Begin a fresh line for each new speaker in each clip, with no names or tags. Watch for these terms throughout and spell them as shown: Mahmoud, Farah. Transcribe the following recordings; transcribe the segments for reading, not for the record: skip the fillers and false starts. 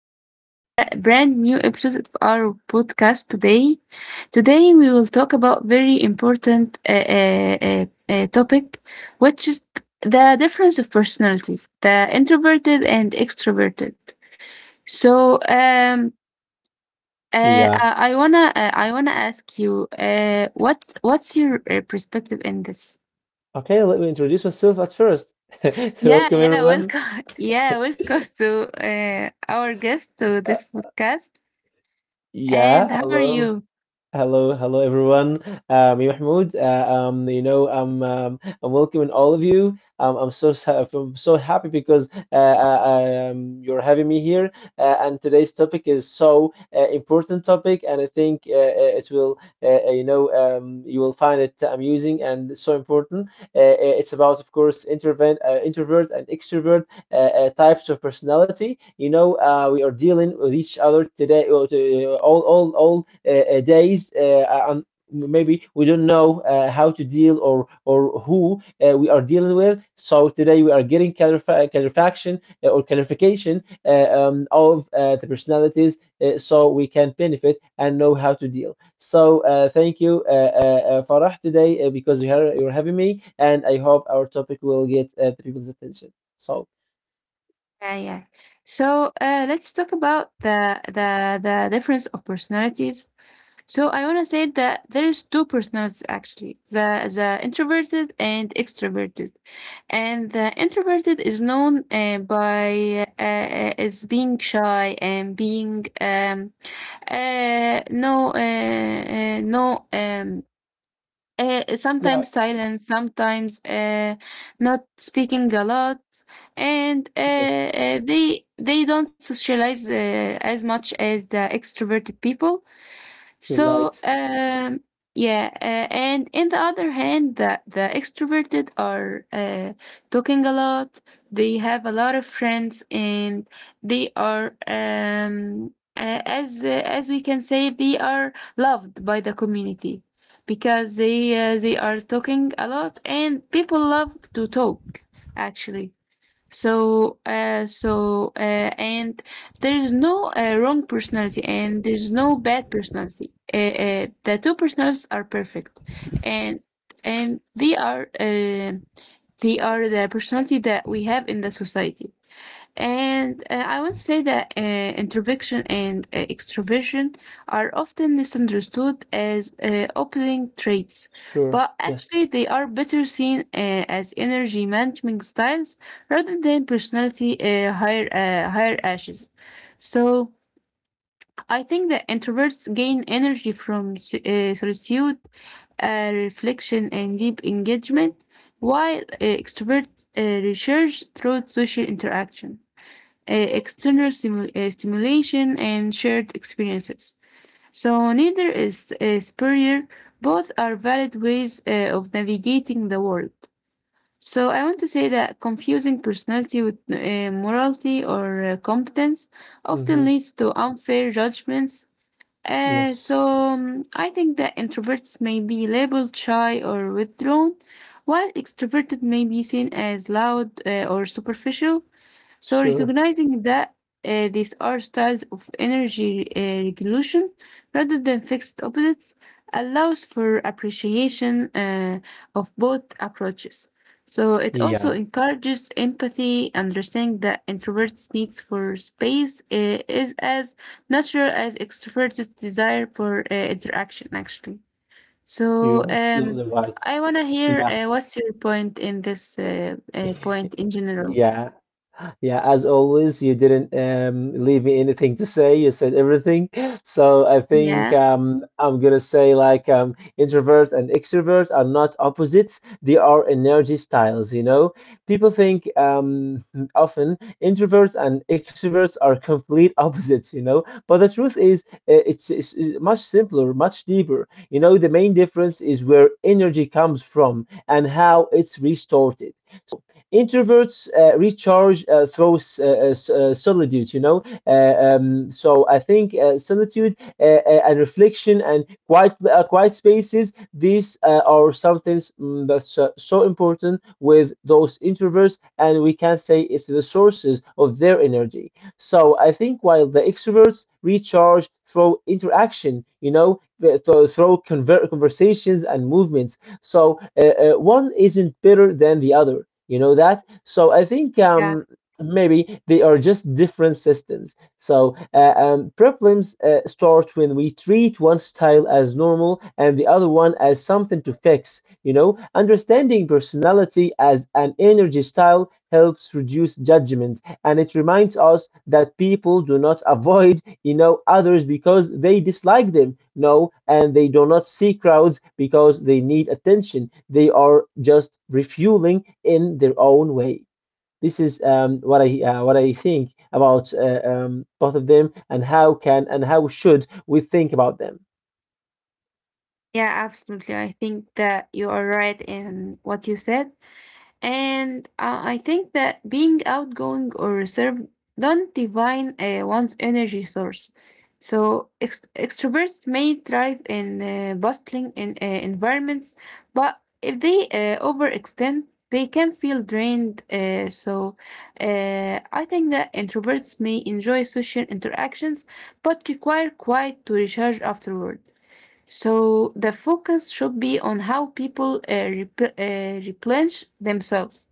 to a brand new episode of our podcast today. Today, we will talk about very important topic, which is the difference of personalities, the introverted and extroverted. So, um,
Yeah.
I wanna ask you, what's your perspective in this?
Okay, let me introduce myself at first.
Yeah,
Welcome
yeah,
everyone.
welcome. Yeah, welcome to our guest to
Uh,
this podcast. And
yeah,
how are
hello.
you?
Hello, hello everyone. Me Mahmoud. You know, I'm welcoming all of you. I'm I'm so happy because you're having me here. And today's topic is so important topic, and I think it will, you know, you will find it amusing and so important. It's about, of course, introvert and extrovert types of personality. You know, we are dealing with each other today, or all days, and maybe we don't know how to deal or who we are dealing with. So today we are getting clarification or clarification of the personalities, so we can benefit and know how to deal. So thank you, Farah, today because you're having me, and I hope our topic will get the people's attention. So.
Yeah, yeah. So let's talk about the difference of personalities. So I want to say that there is two personalities actually: the introverted and extroverted. And the introverted is known by as being shy and being uh, no uh, uh, no um, sometimes
Yeah,
silence, sometimes not speaking a lot, and uh,
yes,
uh, they they don't socialize as much as the extroverted people.
you're
So
right.
um, yeah, and in the other hand, the extroverted are talking a lot. They have a lot of friends, and they are as we can say, they are loved by the community because they are talking a lot, and people love to talk actually. So, uh, so, uh, and there is no wrong personality, and there's no bad personality. The two personalities are perfect, and and they are the personality that we have in the society. And I want to say that introversion and extroversion are often misunderstood as opposing traits,
Sure,
but
yes.
actually they are better seen as energy management styles rather than personality hierarchies. So I think that introverts gain energy from solitude, reflection, and deep engagement, while extroverts recharge through social interaction, external stimulation, and shared experiences. So neither is superior, both are valid ways of navigating the world. So I want to say that confusing personality with morality or competence often
Mm-hmm.
leads to unfair judgments.
Yes,
I think that introverts may be labeled shy or withdrawn, while extroverted may be seen as loud or superficial. So
sure.
recognizing that these are styles of energy regulation rather than fixed opposites allows for appreciation of both approaches. So it also
Yeah,
encourages empathy, understanding that introverts' needs for space is as natural as extroverts' desire for interaction, actually. So
you're absolutely
um,
right.
I want to hear
Yeah,
what's your point in general.
yeah. Yeah, as always, you didn't leave me anything to say. You said everything. So I
Yeah.
think I'm gonna say like introvert and extrovert are not opposites. They are energy styles. You know, people think often introverts and extroverts are complete opposites. You know, but the truth is, it's much simpler, much deeper. You know, the main difference is where energy comes from and how it's restored. Introverts recharge through solitude, you know. So I think solitude and reflection and quiet spaces. These are something that's so important with those introverts, and we can say it's the sources of their energy. So I think while the extroverts recharge through interaction, you know, through conversations and movements. So one isn't better than the other. You know that? So I think
Yeah,
maybe they are just different systems. So problems start when we treat one style as normal and the other one as something to fix. You know, understanding personality as an energy style helps reduce judgment, and it reminds us that people do not avoid, you know, others because they dislike them. No, and they do not see crowds because they need attention. They are just refueling in their own way. This is what I think about both of them and how can and how should we think about them.
yeah, absolutely. I think that you are right in what you said. And I think that being outgoing or reserved don't define one's energy source. So extroverts may thrive in bustling environments, but if they overextend, they can feel drained. So, I think that introverts may enjoy social interactions, but require quiet to recharge afterward. So the focus should be on how people replenish themselves,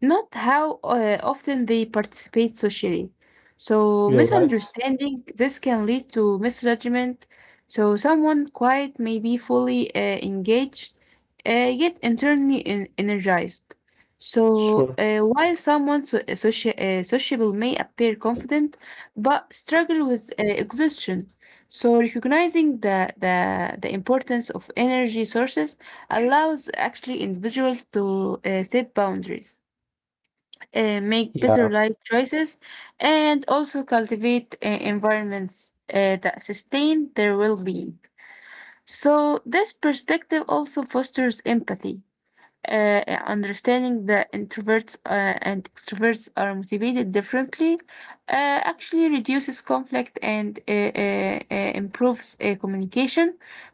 not how often they participate socially. So
You're right.
misunderstanding this can lead to misjudgment. So someone quiet may be fully engaged, yet internally energized. So
Sure.
while someone sociable may appear confident, but struggle with exhaustion. So recognizing the importance of energy sources allows actually individuals to set boundaries, make
Yeah.
better life choices, and also cultivate environments that sustain their well-being. So this perspective also fosters empathy, understanding that introverts and extroverts are motivated differently actually reduces conflict and improves communication,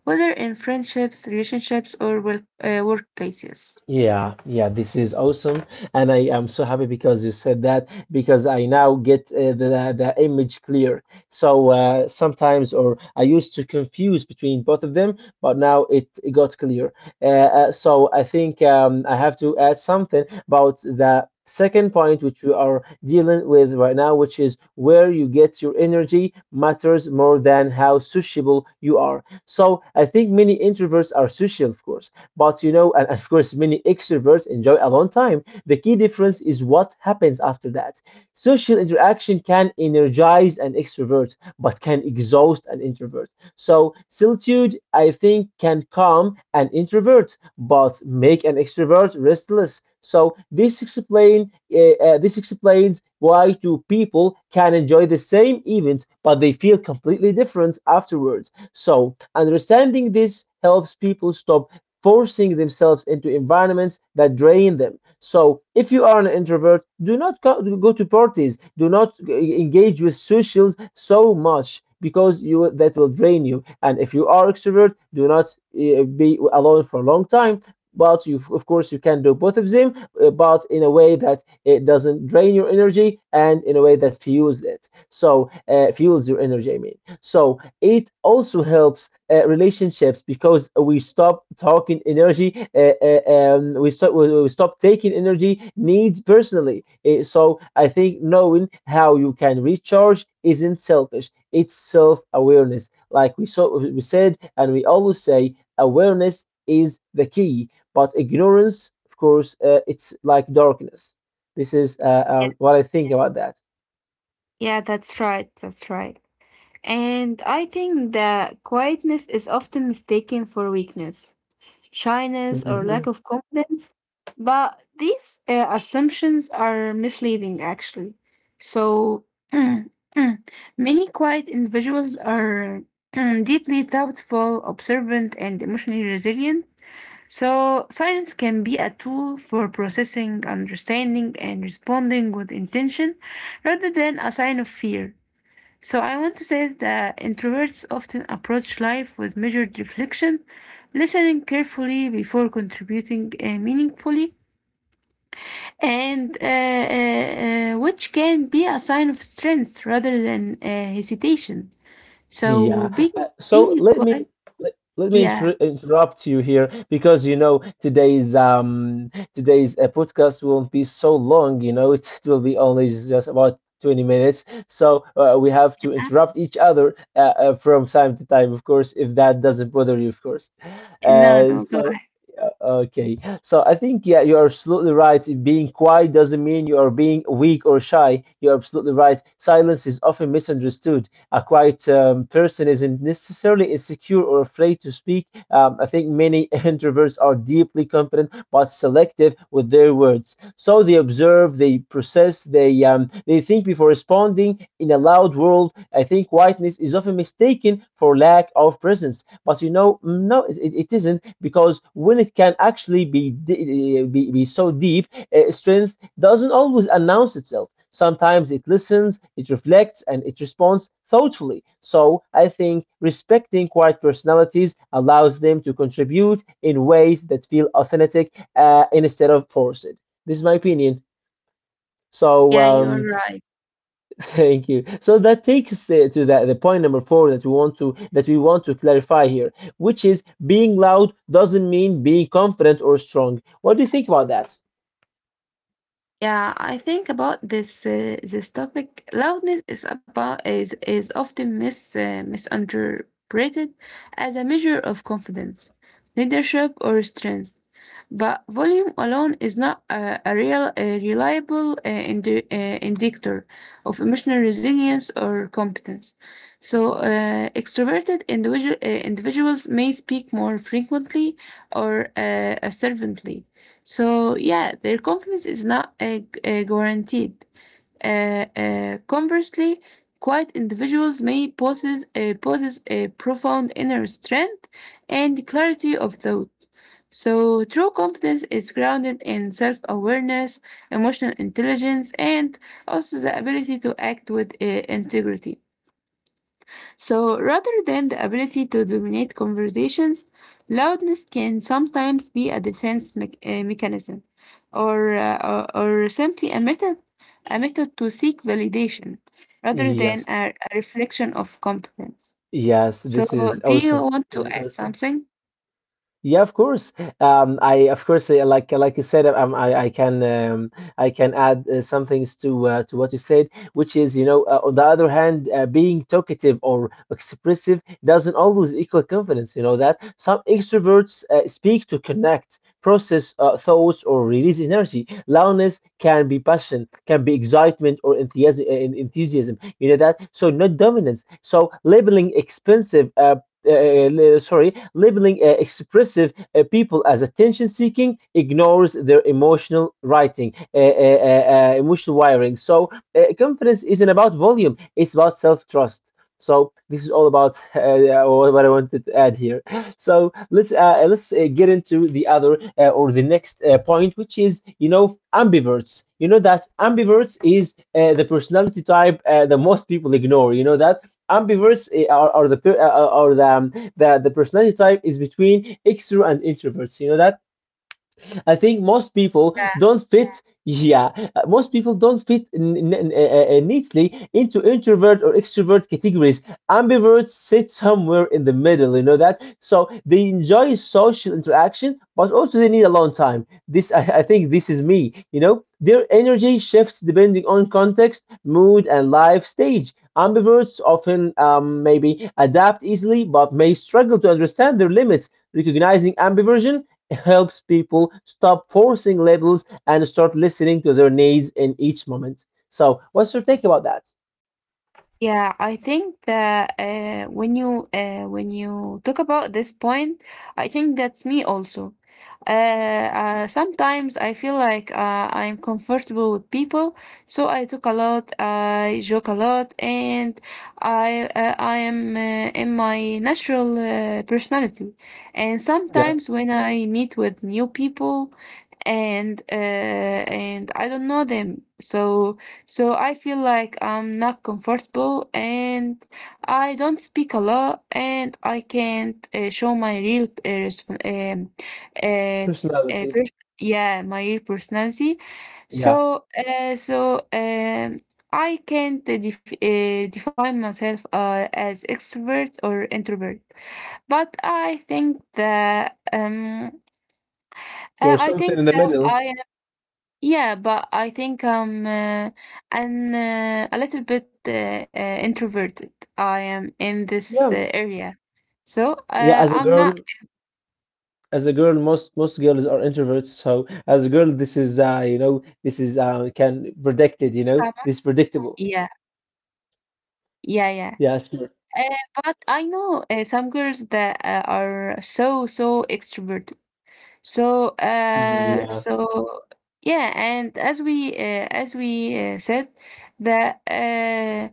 whether in friendships, relationships, or workplaces.
Yeah, yeah, this is awesome, and I am so happy because you said that, because I now get the image clear. So sometimes, or I used to confuse between both of them, but now it got clear. So I think I have to add something about the second point which we are dealing with right now, which is where you get your energy matters more than how sociable you are. So I think many introverts are social, of course, but you know, and of course, many extroverts enjoy alone time. The key difference is what happens after that. Social interaction can energize an extrovert, but can exhaust an introvert. So, solitude, I think, can calm an introvert, but make an extrovert restless. So, this explains why two people can enjoy the same event, but they feel completely different afterwards. So, understanding this helps people stop forcing themselves into environments that drain them. So, if you are an introvert, do not go to parties, do not engage with socials so much, because you, that will drain you. And if you are extrovert, do not be alone for a long time. But you, of course, you can do both of them, but in a way that it doesn't drain your energy and in a way that fuels it. So, fuels your energy, I mean. So, it also helps relationships because we stop, we stop taking energy needs personally. So I think knowing how you can recharge isn't selfish, it's self-awareness, like we said, and we always say awareness is the key, but ignorance, of course, it's like darkness. This is
Yeah,
what I think about
yeah, that's right. That's right. And I think that quietness is often mistaken for weakness, shyness, or lack
that.
of confidence. But these assumptions are misleading, actually. So, many quiet individuals are deeply doubtful, observant, and emotionally resilient. So, silence can be a tool for processing, understanding, and responding with intention rather than a sign of fear. So I want to say that introverts often approach life with measured reflection, listening carefully before contributing meaningfully, and uh, which can be a sign of strength rather than hesitation. So
Yeah.
being
So
being quiet,
let me
yeah.
interrupt you here, because you know today's podcast won't be so long. You know it, it will be only just about 20 minutes. So we have to
Huh?
interrupt each other from time to time, of course, if that doesn't bother you, of course.
No,
Uh,
no, go
so. uh,
ahead.
Okay, so I think yeah, you're absolutely right. Being quiet doesn't mean you are being weak or shy. You're absolutely right. Silence is often misunderstood. A quiet person isn't necessarily insecure or afraid to speak. I think many introverts are deeply confident but selective with their words. So they observe, they process, they think before responding. In a loud world, I think quietness is often mistaken for lack of presence. But you know, no, it isn't, because when it can actually be be so deep, strength doesn't always announce itself. Sometimes it listens, it reflects, and it responds thoughtfully. So I think respecting quiet personalities allows them to contribute in ways that feel authentic instead of forced. This is my opinion. So
Yeah, you are right.
thank you. So that takes us to the point number four that we want to, that we want to clarify here, which is being loud doesn't mean being confident or strong. What do you think about that?
Yeah, I think about this topic. Loudness is about is often misunderpreted as a measure of confidence, leadership, or strength. But volume alone is not a real, a reliable indicator of emotional resilience or competence. So, individuals may speak more frequently or assertively. So, yeah, their confidence is not guaranteed. Conversely, quiet individuals may possess a profound inner strength and clarity of thought. So, true competence is grounded in self awareness, emotional intelligence, and also the ability to act with integrity. So, rather than the ability to dominate conversations, loudness can sometimes be a defense mechanism or simply a method to seek validation rather than
Yes.
a reflection of competence.
Yes,
So,
this is
do you
awesome.
want to
This is
add
awesome.
something?
Yeah, of course. I of course like you said, I can add some things to what you said, which is, you know, on the other hand, being talkative or expressive doesn't always equal confidence. You know that some extroverts speak to connect, process thoughts, or release energy. Loudness can be passion, can be excitement or enthusiasm. Enthusiasm. You know that. So not dominance. So uh, uh, labeling expressive people as attention seeking ignores their emotional wiring. So, confidence isn't about volume, it's about self trust. So this is all about what I wanted to add here. So let's get into the other or the next point, which is, you know, ambiverts. You know that ambiverts is the personality type that most people ignore. You know that ambiverts, or or the personality type, is between extrovert and introverts. You know that, I think most people don't. Yeah, fit. yeah, Most people don't fit neatly into introvert or extrovert categories. Ambiverts sit somewhere in the middle, you know that? So they enjoy social interaction, but also they need alone time. This, I think this is me, you know? Their energy shifts depending on context, mood, and life stage. Ambiverts often maybe adapt easily, but may struggle to understand their limits, recognizing ambiversion helps people stop forcing labels and start listening to their needs in each moment. So, what's your take about that?
Yeah, I think that when you talk about this point, I think that's me also. Sometimes I feel like I'm comfortable with people, so I talk a lot, I joke a lot, and I am in my natural personality. And
Yeah,
sometimes when I meet with new people, and I don't know them, so. So I feel like I'm not comfortable and I don't speak a lot and I can't show my real um, uh, uh,
personality.
pers- yeah, my real personality.
Yeah,
So, I can't define myself as extrovert or introvert. But I think that
you're
I
something
think
in the
that
middle.
I yeah, but I think I'm an a little bit introverted. I am in this
Yeah,
area, so
yeah. As a
I'm not
girl, most girls are introverts. So, as a girl, this is, you know, this is can predicted. You know,
someone.
this is predictable.
Yeah, yeah, yeah.
Yeah, sure.
Uh, but I know some girls that are so so extroverted. So, uh,
Yeah.
so yeah, and as we said, that uh,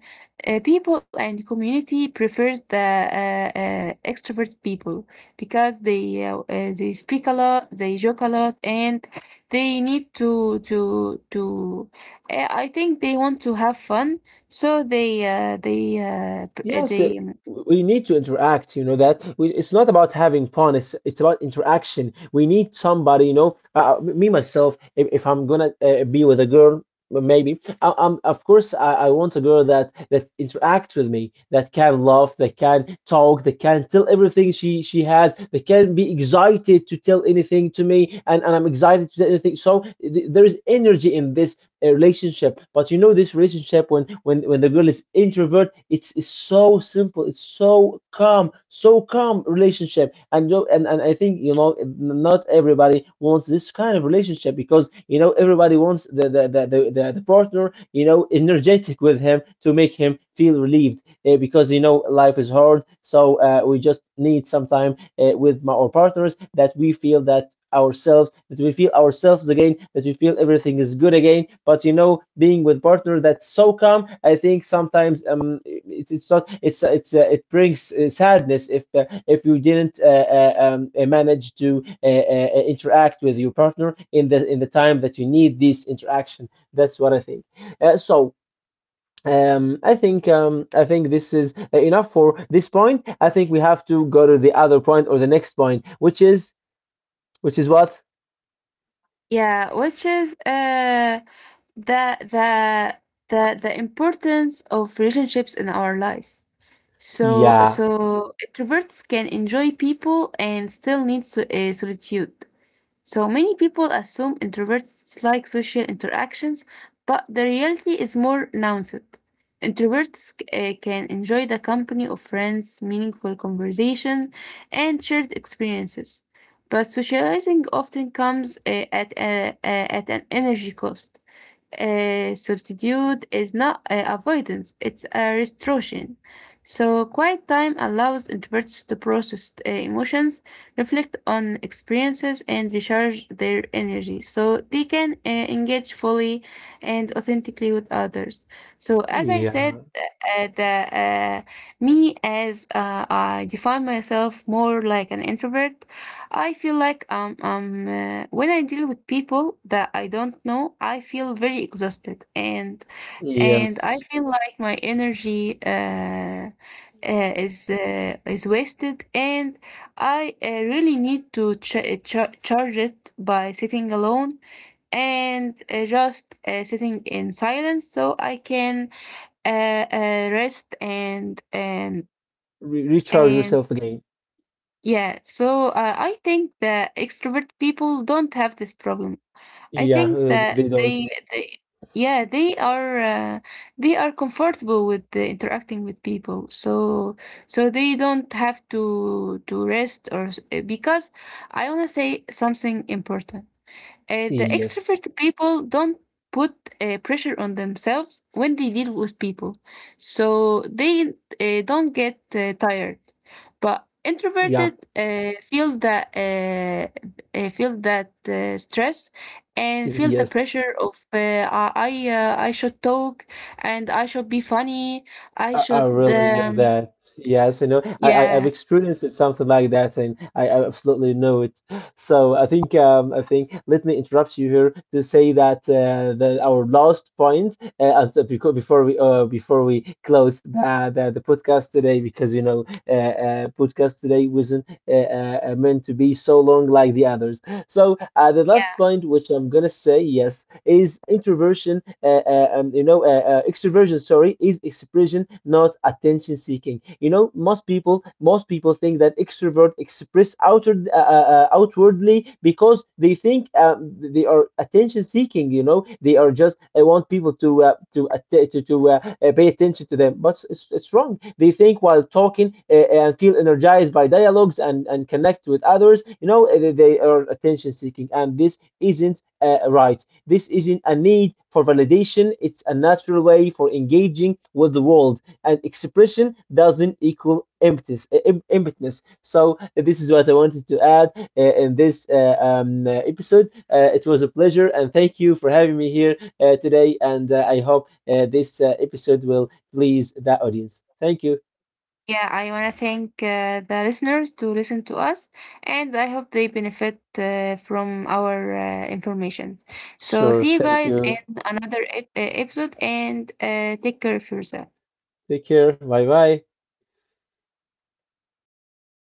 uh, people and community prefers the extrovert people because they speak a lot, they joke a lot, and they need to to. I think they want to have fun, so they p-
Yes,
they
it, we need to interact, you know that. We, it's not about having fun, it's about interaction. We need somebody, you know, me myself, if I'm gonna be with a girl, maybe I'm of course I want a girl that interacts with me, that can laugh, that can talk, that can tell everything she has, that can be excited to tell anything to me, and I'm excited to tell anything. So th there is energy in this, a relationship. But you know, this relationship, when when the girl is introvert, it's so simple, it's so calm, so calm relationship. And you know, and I think, you know, not everybody wants this kind of relationship, because you know, everybody wants the partner, you know, energetic with him, to make him feel relieved, because you know life is hard, so we just need some time our partners, that we feel that ourselves, that we feel ourselves again, that we feel everything is good again. But you know, being with partner that's so calm, I think sometimes it's not, it's it brings sadness if you didn't manage to interact with your partner in the time that you need this interaction. That's what I think. So I think this is enough for this point. I think we have to go to the other point or the next point, which is, which is what?
yeah, which is the the the importance of relationships in our life. So
Yeah.
so introverts can enjoy people and still need solitude. So many people assume introverts like social interactions, but the reality is more nuanced. Introverts can enjoy the company of friends, meaningful conversation, and shared experiences. But socializing often comes at an energy cost. Solitude is not avoidance, it's a restoration. So, quiet time allows introverts to process emotions, reflect on experiences, and recharge their energy so they can engage fully and authentically with others. So, as I said,
Yeah,
uh, me, as I define myself more like an introvert, I feel like when I deal with people that I don't know, I feel very exhausted, and I
yes.
feel like my energy is wasted, and I really need to charge it by sitting alone and just sitting in silence, so I can uh, rest and and
Re recharge
and
yourself again.
yeah. So I think that extrovert people don't have this problem. I
Yeah,
think that
they don't.
they yeah they are comfortable with interacting with people, so so they don't have to rest or s- because I want to say something important, the
Yes,
extrovert people don't put pressure on themselves when they deal with people, so they don't get tired. But
yeah,
introverted feel that stress and feel the
yes.
pressure of I should talk and I should be funny. I
I
should
really know that. Yes, I know. I've
yeah,
experienced it something like that, and I absolutely know it. So I think let me interrupt you here to say that that our last point, and before we close the podcast today, because you know podcast today wasn't meant to be so long like the others. So the last
yeah.
point which I'm gonna say yes is extroversion. Sorry, is expression, not attention seeking. You know, most people think that extrovert express outward outwardly, because they think they are attention seeking, you know, they are just want people to to pay attention to them, but it's wrong. They think while talking, and feel energized by dialogues and connect with others, you know, they are attention seeking, and this isn't right. This isn't a need for validation, it's a natural way for engaging with the world. And expression doesn't equal emptiness emptiness. So this is what I wanted to add in this episode. It was a pleasure, and thank you for having me here today. And I hope this episode will please the audience. Thank you.
Yeah, I want to thank the listeners to listen to us, and I hope they benefit from our information. So,
Sure.
see you
Thank
guys in
you.
another episode, and take care of yourself.
Take care. Bye bye. Till the next time.